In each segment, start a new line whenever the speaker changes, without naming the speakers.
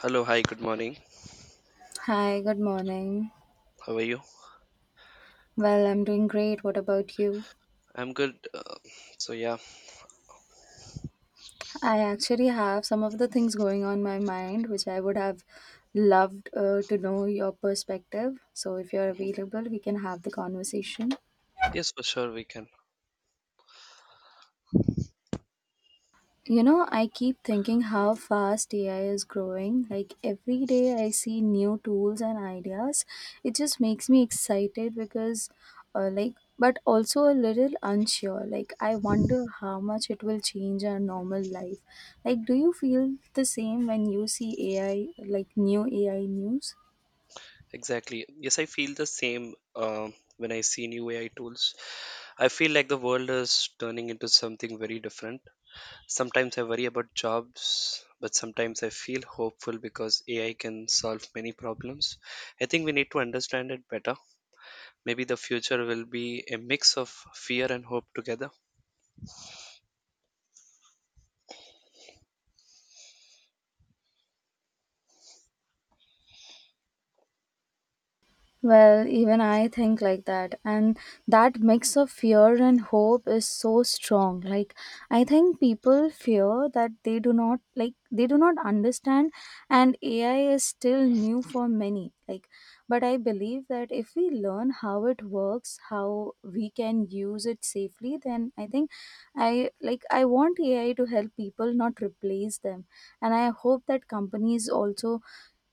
Hello, hi, good morning.
Hi, good morning.
How are you?
Well, I'm doing great. What about you?
I'm good. Uh, so yeah,
I actually have some of the things going on my mind which I would have loved to know your perspective. So, if you're
Mhm.
available, we can have the conversation.
Yes, for sure we can.
You know, I keep thinking how fast AI is growing. Like every day I see new tools and ideas. It just makes me excited because, but also a little unsure. Like, I wonder how much it will change our normal life. Like, do you feel the same when you see AI, like new AI news?
Exactly. Yes, I feel the same when I see new AI tools. I feel like the world is turning into something very different. Sometimes I worry about jobs, but sometimes I feel hopeful because AI can solve many problems. I think we need to understand it better. Maybe the future will be a mix of fear and hope together.
Well, even I think like that. And that mix of fear and hope is so strong. Like, I think people fear that they do not, like, they do not understand, and AI is still new for many. Like, but I believe that if we learn how it works, how we can use it safely, then I think I like I want AI to help people, not replace them. And I hope that companies also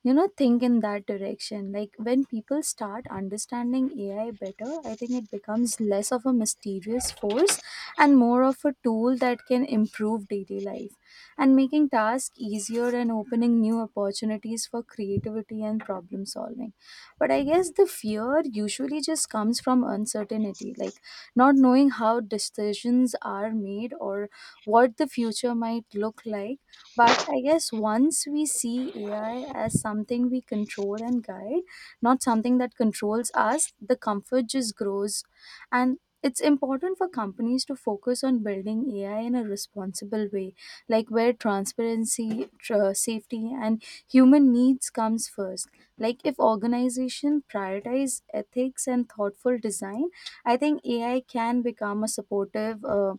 think in that direction. Like when people start understanding AI better, I think it becomes less of a mysterious force and more of a tool that can improve daily life and making tasks easier and opening new opportunities for creativity and problem solving. But I guess the fear usually just comes from uncertainty, like not knowing how decisions are made or what the future might look like. But I guess once we see AI as something we control and guide, not something that controls us, the comfort just grows. And it's important for companies to focus on building AI in a responsible way, like where transparency, safety, and human needs comes first. Like if organization prioritize ethics and thoughtful design, I think AI can become a supportive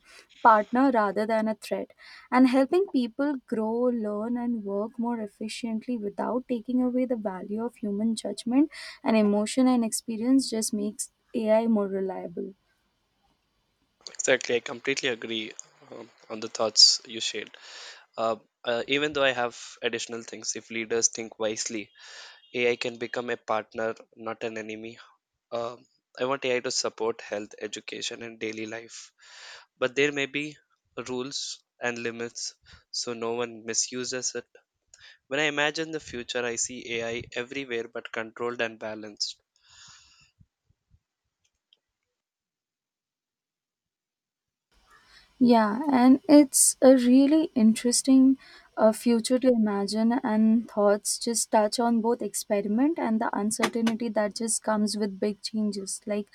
partner rather than a threat, and helping people grow, learn and work more efficiently without taking away the value of human judgment and emotion and experience just makes AI more reliable.
Exactly, I completely agree on the thoughts you shared. Uh, Even though I have additional things, if leaders think wisely, AI can become a partner, not an enemy. Um I want AI to support health, education, and daily life. But there may be rules and limits so no one misuses it. When I imagine the future, I see AI everywhere but controlled and balanced.
Yeah, and it's a really interesting future to imagine, and thoughts just touch on both experiment and the uncertainty that just comes with big changes. Like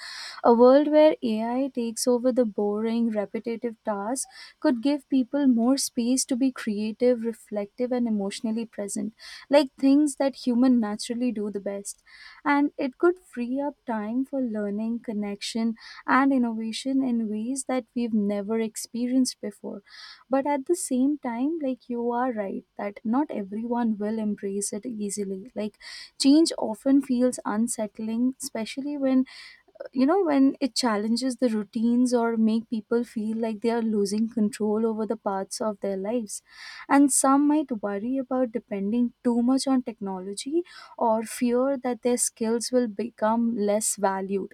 a world where AI takes over the boring, repetitive tasks could give people more space to be creative, reflective, and emotionally present, like things that human naturally do the best. And it could free up time for learning, connection, and innovation in ways that we've never experienced before. But at the same time, like you are right that not everyone will embrace it easily. Like change often feels unsettling, especially when when it challenges the routines or make people feel like they are losing control over the parts of their lives, and some might worry about depending too much on technology or fear that their skills will become less valued.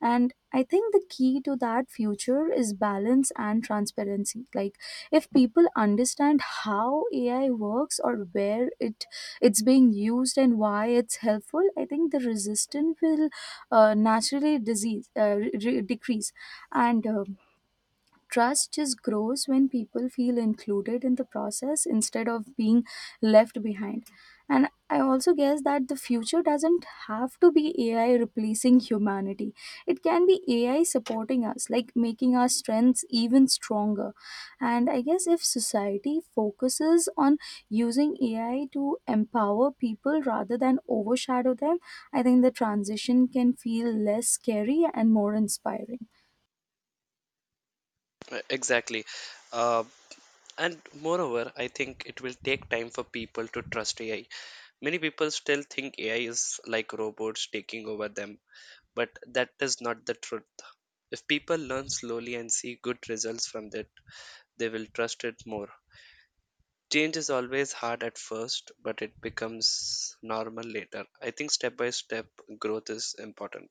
And I think the key to that future is balance and transparency. Like if people understand how AI works or where it's being used and why it's helpful, I think the resistance will naturally disease decrease. And Trust just grows when people feel included in the process instead of being left behind. And I also guess that the future doesn't have to be AI replacing humanity. It can be AI supporting us, like making our strengths even stronger. And I guess if society focuses on using AI to empower people rather than overshadow them, I think the transition can feel less scary and more inspiring.
Exactly. Uh, and moreover, I think it will take time for people to trust AI. Many people still think AI is like robots taking over them, but that is not the truth. If people learn slowly and see good results from it, they will trust it more. Change is always hard at first, but it becomes normal later. I think step by step growth is important.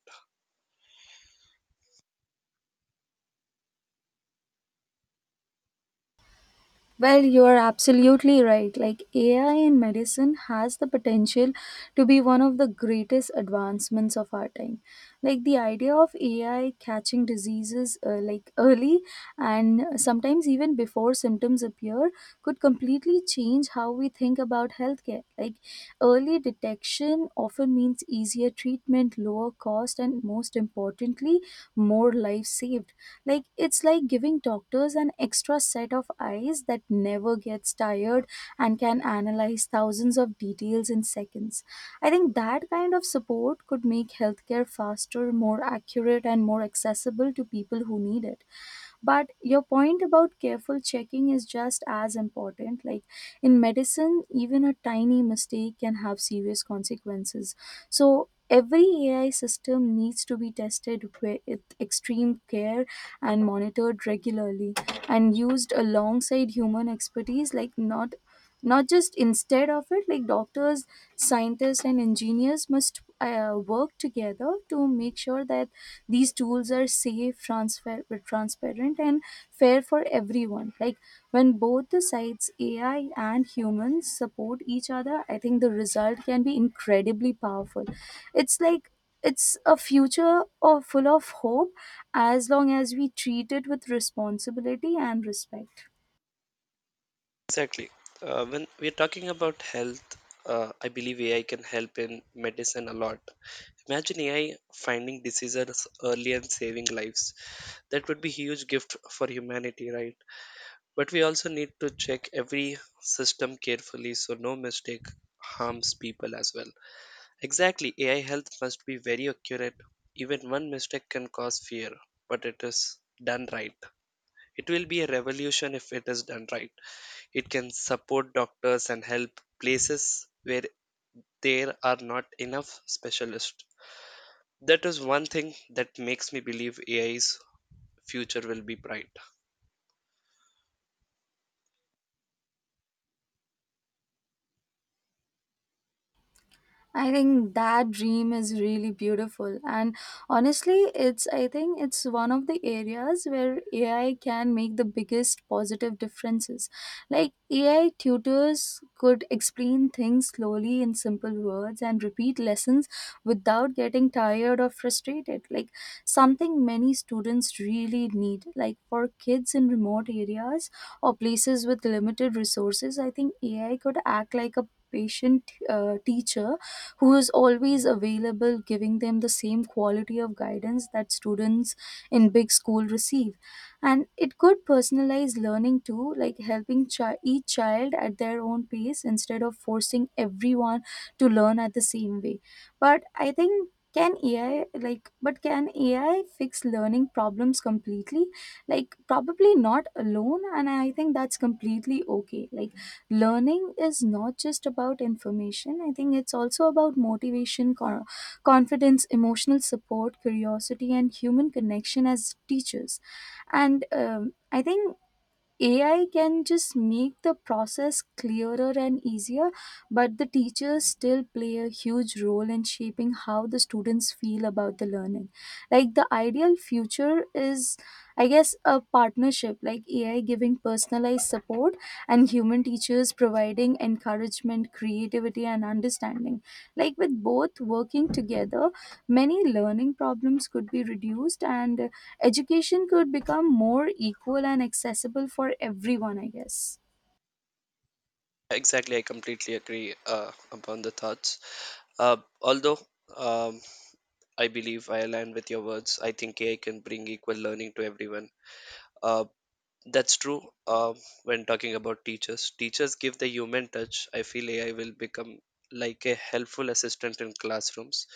Well, you're absolutely right. Like AI in medicine has the potential to be one of the greatest advancements of our time. Like the idea of AI catching diseases like early and sometimes even before symptoms appear could completely change how we think about healthcare. Like early detection often means easier treatment, lower cost, and most importantly, more lives saved. Like it's like giving doctors an extra set of eyes that never gets tired and can analyze thousands of details in seconds. I think that kind of support could make healthcare faster, more accurate and more accessible to people who need it. But your point about careful checking is just as important. Like in medicine even a tiny mistake can have serious consequences, so every AI system needs to be tested with extreme care and monitored regularly and used alongside human expertise, like not just instead of it. Like doctors, scientists and engineers must work together to make sure that these tools are safe, transparent, and fair for everyone. Like when both the sides, AI and humans, support each other, I think the result can be incredibly powerful. It's like it's a future of full of hope as long as we treat it with responsibility and respect.
Exactly. When we're talking about health, I believe AI can help in medicine a lot. Imagine AI finding diseases early and saving lives. That would be huge gift for humanity, right? But we also need to check every system carefully so no mistake harms people as well. Exactly, AI health must be very accurate. Even one mistake can cause fear, but it is done right. It will be a revolution if it is done right. It can support doctors and help places where there are not enough specialists. That is one thing that makes me believe AI's future will be bright.
I think that dream is really beautiful. And honestly, it's I think it's one of the areas where AI can make the biggest positive differences. Like AI tutors could explain things slowly in simple words and repeat lessons without getting tired or frustrated, like something many students really need. Like for kids in remote areas or places with limited resources, I think AI could act like a patient teacher who is always available, giving them the same quality of guidance that students in big school receive. And it could personalize learning too, like helping each child at their own pace instead of forcing everyone to learn at the same way. But I think, can ai like but can AI fix learning problems completely? Like probably not alone, and I think that's completely okay. Like learning is not just about information. I think it's also about motivation, confidence, emotional support, curiosity and human connection as teachers. And I think AI can just make the process clearer and easier, but the teachers still play a huge role in shaping how the students feel about the learning. Like the ideal future is, I guess, a partnership, like AI giving personalized support and human teachers providing encouragement, creativity, and understanding. Like with both working together, many learning problems could be reduced and education could become more equal and accessible for everyone, I guess.
Exactly, I completely agree upon the thoughts. Although um, I believe I align with your words. I think AI can bring equal learning to everyone. Uh, that's true uh, when talking about teachers. Teachers give the human touch. I feel AI will become like a helpful assistant in classrooms.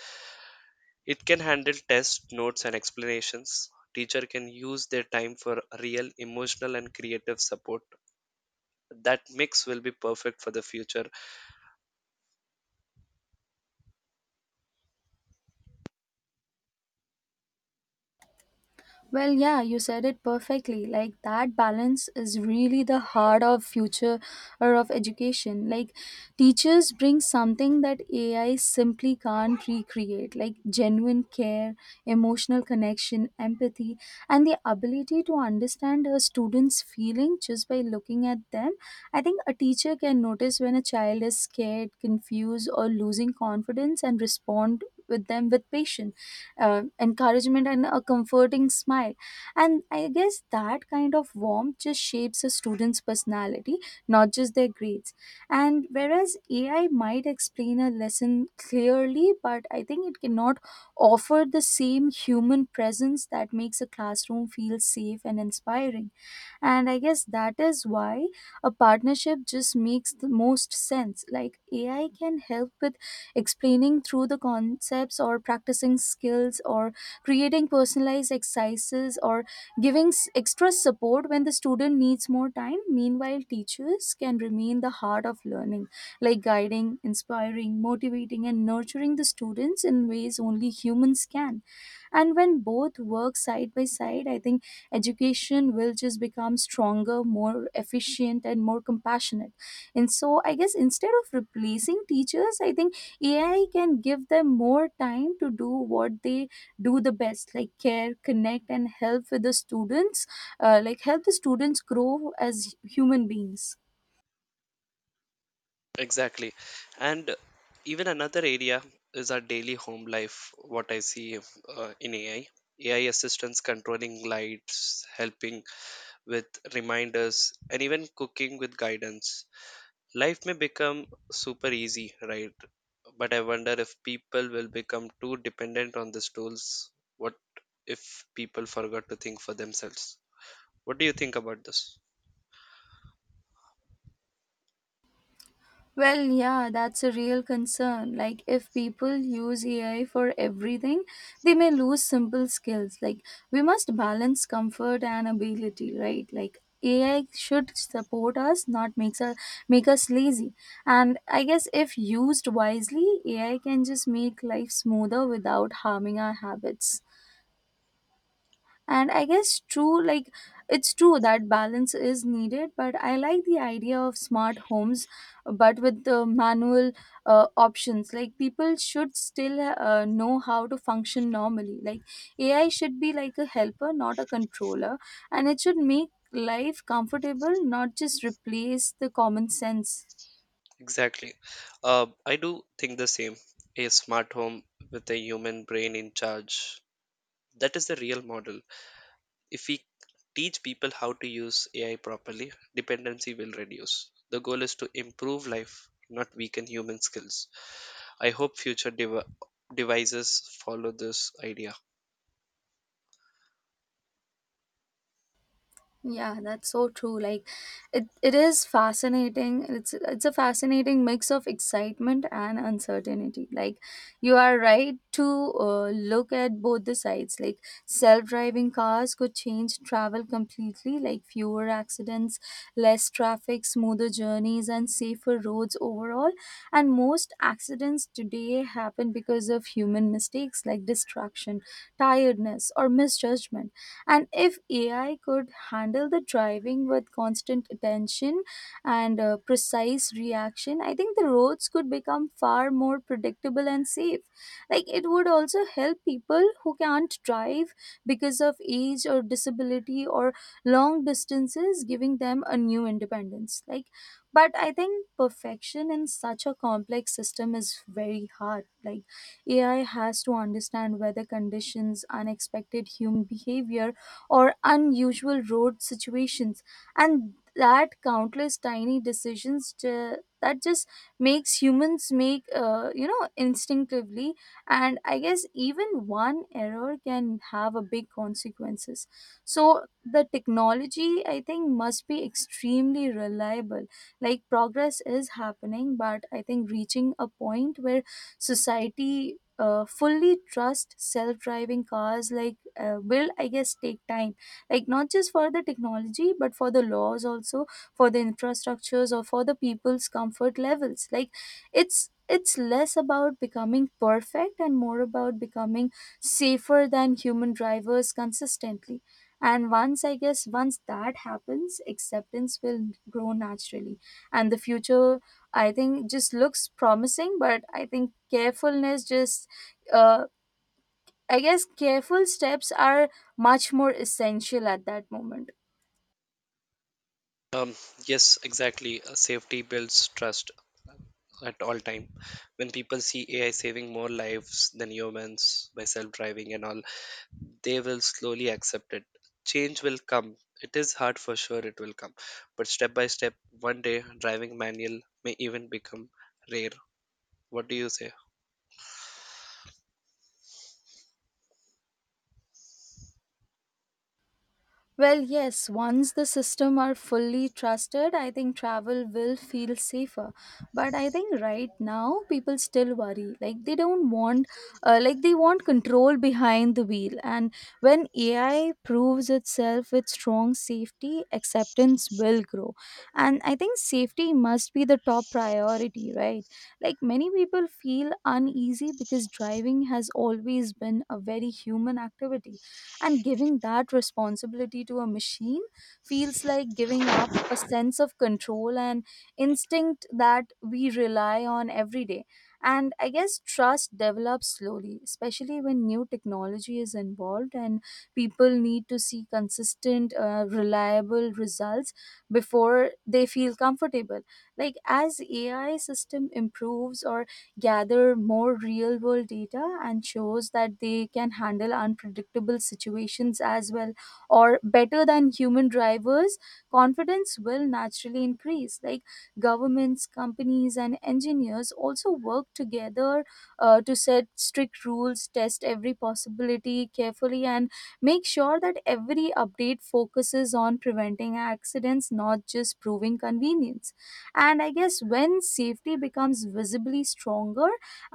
It can handle tests, notes, and explanations. Teacher can use their time for real emotional and creative support. That mix will be perfect for the future.
Well, yeah, you said it perfectly. Like that balance is really the heart of future or of education. Like teachers bring something that AI simply can't recreate, like genuine care, emotional connection, empathy, and the ability to understand a student's feeling just by looking at them. I think a teacher can notice when a child is scared, confused, or losing confidence and respond with them with patience, encouragement and a comforting smile. And I guess that kind of warmth just shapes a student's personality, not just their grades. And whereas AI might explain a lesson clearly, but I think it cannot offer the same human presence that makes a classroom feel safe and inspiring. And I guess that is why a partnership just makes the most sense. Like AI can help with explaining through the concepts or practicing skills or creating personalized exercises or giving extra support when the student needs more time. Meanwhile teachers can remain the heart of learning, like guiding, inspiring, motivating and nurturing the students in ways only humans can. And when both work side by side, I think education will just become stronger, more efficient and more compassionate. And so I guess instead of replacing teachers, I think AI can give them more time to do what they do the best, like care, connect and help with the students, like help the students grow as human beings.
Exactly. And even another area is our daily home life, what I see in AI. AI assistants controlling lights, helping with reminders, and even cooking with guidance. Life may become super easy, right? But I wonder if people will become too dependent on these tools. What if people forgot to think for themselves? What do you think about this?
Well, yeah, that's a real concern. Like, if people use AI for everything, they may lose simple skills. Like, we must balance comfort and ability, right? Like, AI should support us, not makes us make us lazy. And I guess if used wisely, AI can just make life smoother without harming our habits. And I guess true. Like it's true that balance is needed, but I like the idea of smart homes but with the manual options. Like people should still know how to function normally. Like AI should be like a helper, not a controller, and it should make life comfortable, not just replace the common sense.
Exactly. I do think the same. A smart home with a human brain in charge. That is the real model. If we teach people how to use AI properly, dependency will reduce. The goal is to improve life, not weaken human skills. I hope future devices follow this idea.
Yeah, that's so true. Like it is fascinating. It's a fascinating mix of excitement and uncertainty. Like you are right to look at both the sides. Like self-driving cars could change travel completely, like fewer accidents, less traffic, smoother journeys and safer roads overall. And most accidents today happen because of human mistakes like distraction, tiredness or misjudgment. And if AI could handle the driving with constant attention and precise reaction, I think the roads could become far more predictable and safe. Like it would also help people who can't drive because of age or disability or long distances, giving them a new independence. Like, but I think perfection in such a complex system is very hard. Like, AI has to understand weather conditions, unexpected human behavior, or unusual road situations, and that countless tiny decisions ju- that just makes humans make you know instinctively. And I guess even one error can have a big consequences, so the technology, I think, must be extremely reliable. Like, progress is happening, but I think reaching a point where society fully trust self-driving cars, like will, I guess, take time. Like, not just for the technology, but for the laws also, for the infrastructures, or for the people's comfort levels. Like, it's less about becoming perfect and more about becoming safer than human drivers consistently. And once, I guess, once that happens, acceptance will grow naturally. And the future, I think, just looks promising, but I think carefulness just, uh, I guess, careful steps are much more essential at that moment.
Um, yes, exactly. Safety builds trust at all time. When people see AI saving more lives than humans by self-driving and all, they will slowly accept it. Change will come. It is hard for sure, it will come. But step by step, one day, driving manual may even become rare. What do you say?
Well, yes, once the system are fully trusted, I think travel will feel safer. But I think right now people still worry. Like, they don't want like, they want control behind the wheel. And when AI proves itself with strong safety, acceptance will grow. And I think safety must be the top priority, right? Like, many people feel uneasy because driving has always been a very human activity, and giving that responsibility to a machine feels like giving up a sense of control and instinct that we rely on every day. And I guess trust develops slowly, especially when new technology is involved, and people need to see consistent reliable results before they feel comfortable. Like, as AI system improves or gather more real world data and shows that they can handle unpredictable situations as well or better than human drivers, confidence will naturally increase. Like, governments, companies, and engineers also work together to set strict rules, test every possibility carefully, and make sure that every update focuses on preventing accidents, not just proving convenience. And I guess when safety becomes visibly stronger,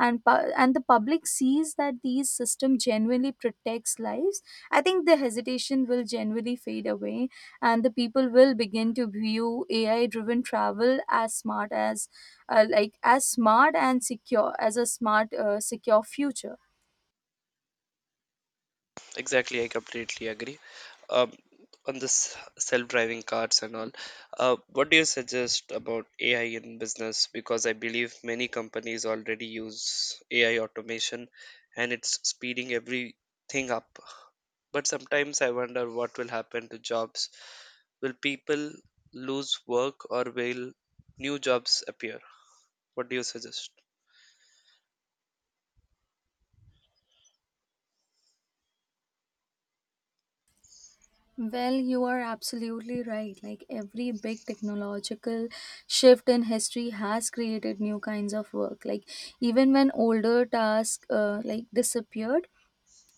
and and the public sees that these system genuinely protects lives, I think the hesitation will generally fade away, and the people will begin to view AI driven travel as smart as like, as smart and secure as a smart, secure future.
Exactly, I completely agree. Um, on this self-driving cars and all, what do you suggest about AI in business? Because I believe many companies already use AI automation, and it's speeding everything up. But sometimes I wonder what will happen to jobs. Will people lose work or will new jobs appear? What do you suggest?
Well, you are absolutely right. Like, every big technological shift in history has created new kinds of work. Like, even when older tasks like, disappeared,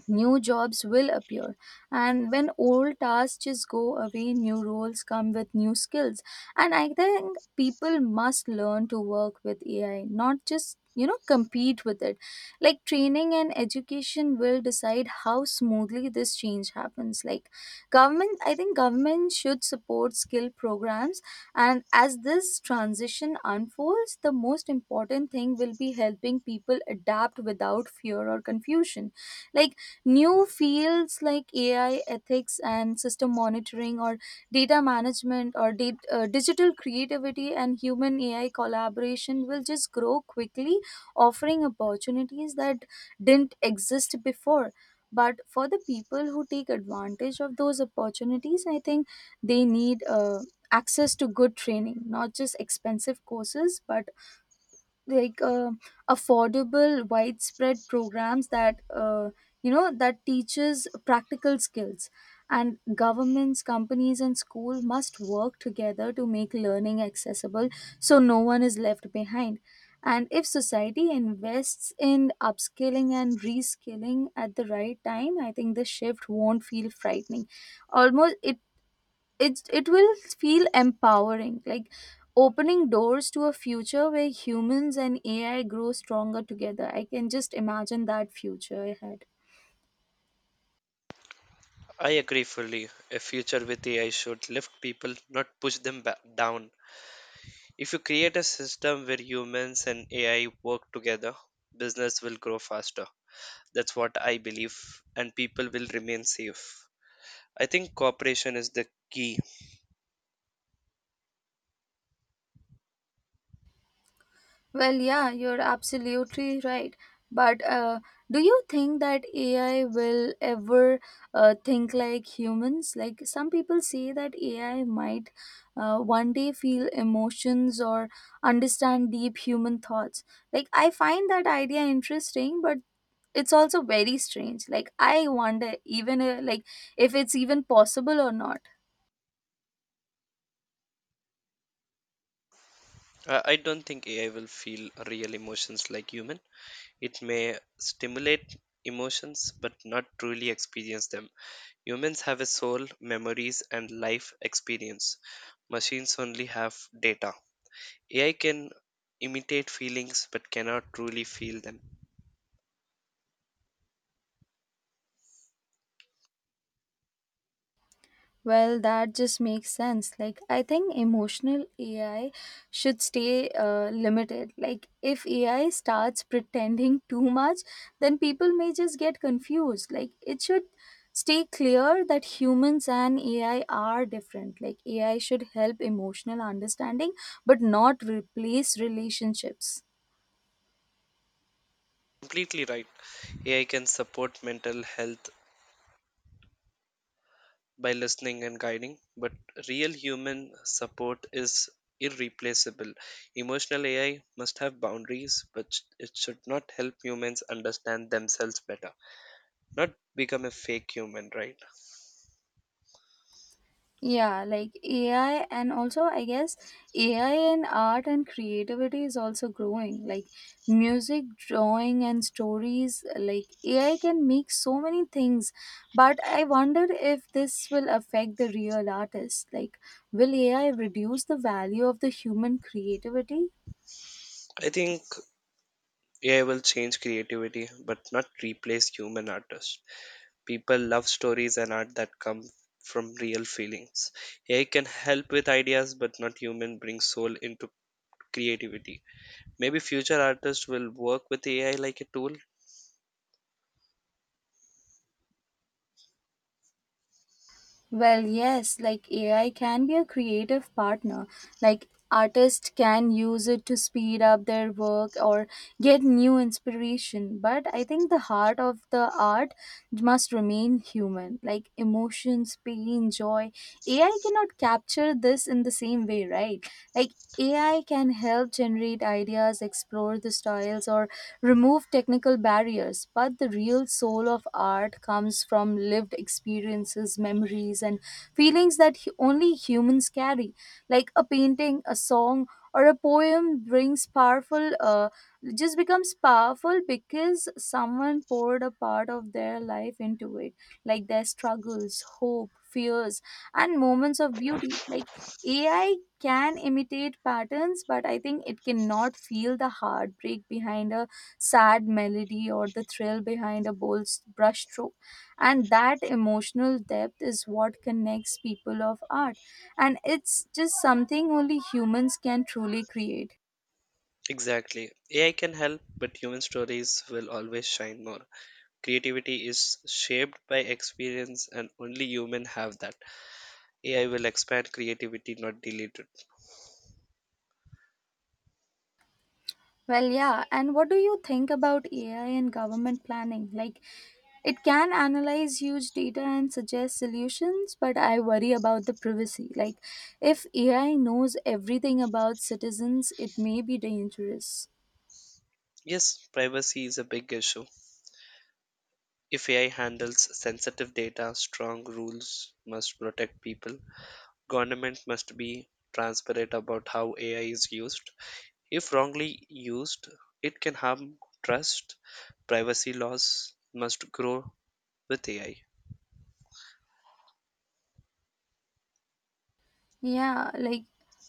new jobs will appear. And when old tasks just go away, new roles come with new skills. And I think people must learn to work with AI, not just, you know, compete with it. Like, training and education will decide how smoothly this change happens. Like, government, I think government should support skill programs. And as this transition unfolds, the most important thing will be helping people adapt without fear or confusion. Like, new fields like AI ethics and system monitoring, or data management, or digital creativity and human AI collaboration will just grow quickly, offering opportunities that didn't exist before. But for the people who take advantage of those opportunities, I think they need access to good training, not just expensive courses, but like, affordable widespread programs that, you know, that teaches practical skills. And governments, companies, and school must work together to make learning accessible, so no one is left behind. And if society invests in upskilling and reskilling at the right time, I think the shift won't feel frightening. Almost it will feel empowering. Like, opening doors to a future where humans and AI grow stronger together, I can just imagine that future ahead.
I agree fully. A future with AI should lift people, not push them down. If you create a system where humans and AI work together, business will grow faster. That's what I believe, and people will remain safe. I think cooperation is the key.
Well, yeah, you're absolutely right. But do you think that AI will ever think like humans? Like, some people say that AI might one day feel emotions or understand deep human thoughts. Like, I find that idea interesting, but it's also very strange. Like, I wonder even like, if it's even possible or not.
I don't think AI will feel real emotions like human. It may stimulate emotions but not truly experience them. Humans have a soul, memories, and life experience. Machines only have data. AI can imitate feelings but cannot truly feel them.
Well, that just makes sense. Like, I think emotional AI should stay limited. Like, if AI starts pretending too much, then people may just get confused. Like, it should stay clear that humans and AI are different. Like, AI should help emotional understanding, but not replace relationships.
Completely right. AI can support mental health by listening and guiding, but real human support is irreplaceable. Emotional AI must have boundaries, but it should not help humans understand themselves better, not become a fake human, right?
Yeah, like AI, and also I guess AI and art and creativity is also growing. Like, music, drawing, and stories, like AI can make so many things. But I wonder if this will affect the real artists. Like, will AI reduce the value of the human creativity?
I think AI will change creativity, but not replace human artists. People love stories and art that come from real feelings. AI can help with ideas, but not human bring soul into creativity. Maybe future artists will work with AI like a tool.
Well, yes, like AI can be a creative partner. Like, artists can use it to speed up their work or get new inspiration. But I think the heart of the art must remain human, like emotions, pain, joy. AI cannot capture this in the same way, right? Like, AI can help generate ideas, explore the styles, or remove technical barriers, but the real soul of art comes from lived experiences, memories, and feelings that only humans carry. Like, a painting, a song, or a poem brings powerful, just becomes powerful because someone poured a part of their life into it, like their struggles, hope, fears, and moments of beauty. Like, AI can imitate patterns, but I think it cannot feel the heartbreak behind a sad melody or the thrill behind a bold brushstroke. And that emotional depth is what connects people of art. And it's just something only humans can truly create.
Exactly. AI can help, but human stories will always shine more. Creativity is shaped by experience, and only humans have that. AI will expand creativity, not delete it.
Well, yeah. And what do you think about AI and government planning? Like, it can analyze huge data and suggest solutions, but I worry about the privacy. Like, if AI knows everything about citizens, it may be dangerous.
Yes, privacy is a big issue. If AI handles sensitive data, strong rules must protect people. Government must be transparent about how AI is used. If wrongly used, it can harm trust. Privacy laws must grow with AI.
Yeah, like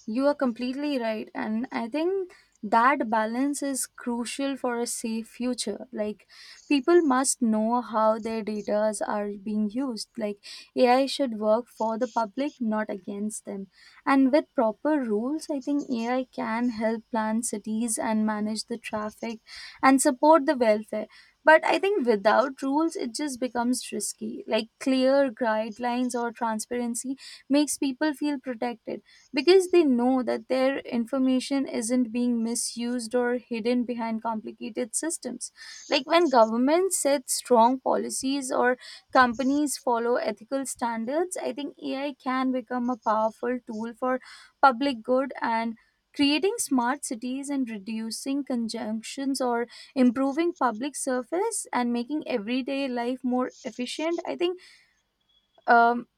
you are completely right. And I think that balance is crucial for a safe future. Like, people must know how their data are being used. Like, AI should work for the public, not against them. And with proper rules, I think AI can help plan cities and manage the traffic and support the welfare. But I think without rules, it just becomes risky. Like, clear guidelines or transparency makes people feel protected, because they know that their information isn't being misused or hidden behind complicated systems. Like, when governments set strong policies or companies follow ethical standards, I think AI can become a powerful tool for public good and creating smart cities and reducing conjunctions or improving public service and making everyday life more efficient. I think, um,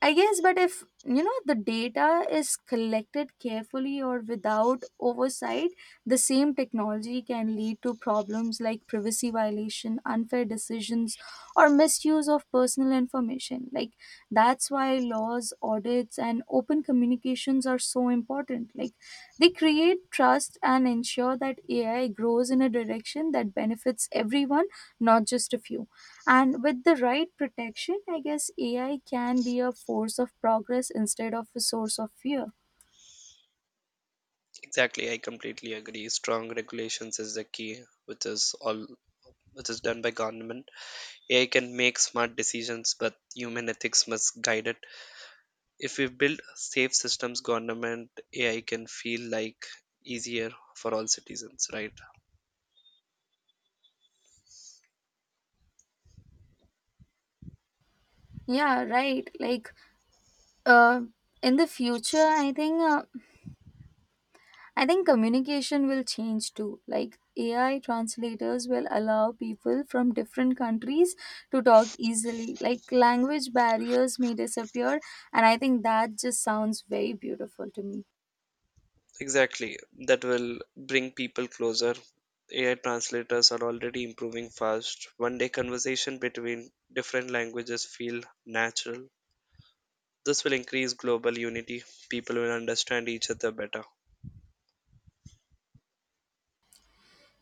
I guess, but if you know the data is collected carefully or without oversight, the same technology can lead to problems like privacy violation, unfair decisions, or misuse of personal information. Like, that's why laws, audits, and open communications are so important. Like, they create trust and ensure that AI grows in a direction that benefits everyone, not just a few. And with the right protection, I guess AI can be a force of progress instead of a source of fear.
Exactly, I completely agree. Strong regulations is the key, which is all which is done by government. AI can make smart decisions, but human ethics must guide it. If we build safe systems, government AI can feel like easier for all citizens, right?
Yeah, right. Like, uh, in the future, I think communication will change too. Like, AI translators will allow people from different countries to talk easily. Like, language barriers may disappear, and I think that just sounds very beautiful to me.
Exactly. That will bring people closer. AI translators are already improving fast. One day conversation between different languages feel natural. This will increase global unity. People will understand each other better.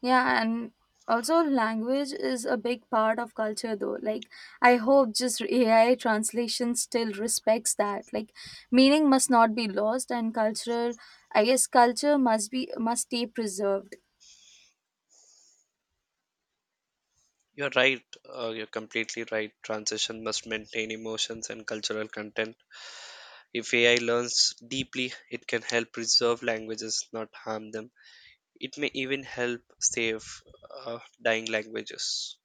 Yeah, and also language is a big part of culture though. Like, I hope just AI translation still respects that. Like, meaning must not be lost and cultural, I guess culture must stay preserved.
You're right. You're completely right. Transition must maintain emotions and cultural content. If AI learns deeply, it can help preserve languages, not harm them. It may even help save dying languages.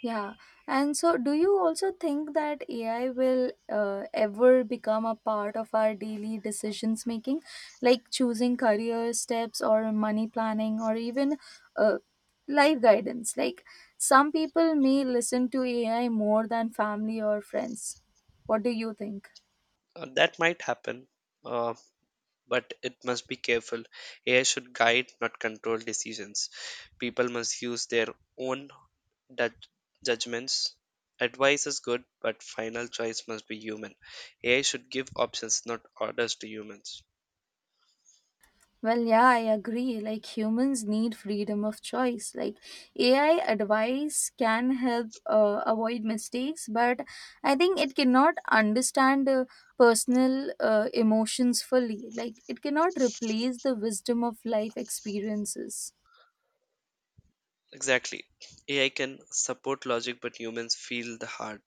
Yeah. And so, do you also think that AI will ever become a part of our daily decisions making, like choosing career steps or money planning or even, uh, life guidance? Like, some people may listen to AI more than family or friends. What do you think?
That might happen, uh, but it must be careful. AI should guide, not control decisions. People must use their own judg- judgments. Advice is good, but final choice must be human. AI should give options, not orders to humans.
Well, yeah, I agree. Like, humans need freedom of choice. Like, AI advice can help avoid mistakes, but I think it cannot understand personal, emotions fully. Like, it cannot replace the wisdom of life experiences.
Exactly. AI can support logic, but humans feel the heart.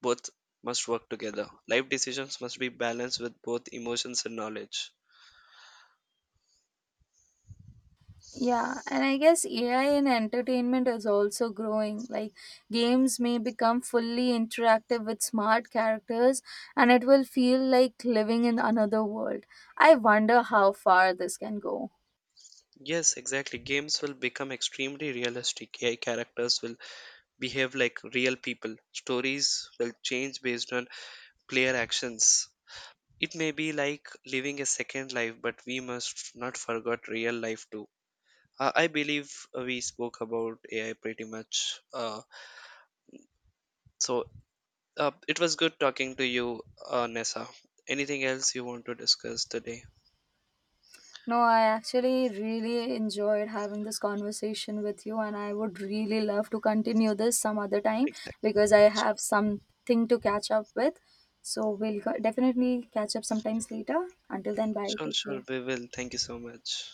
Both must work together. Life decisions must be balanced with both emotions and knowledge.
Yeah, and I guess AI in entertainment is also growing. Like, games may become fully interactive with smart characters, and it will feel like living in another world. I wonder how far this can go.
Yes, exactly. Games will become extremely realistic. AI characters will behave like real people. Stories will change based on player actions. It may be like living a second life, but we must not forget real life too. I believe we spoke about AI pretty much. So it was good talking to you, Nessa. Anything else you want to discuss today?
No, I actually really enjoyed having this conversation with you, and I would really love to continue this some other time, because
Exactly.
I have something to catch up with. So, definitely catch up sometimes later. Until then, bye.
Sure,
Take
sure,
care.
we will. Thank you so much.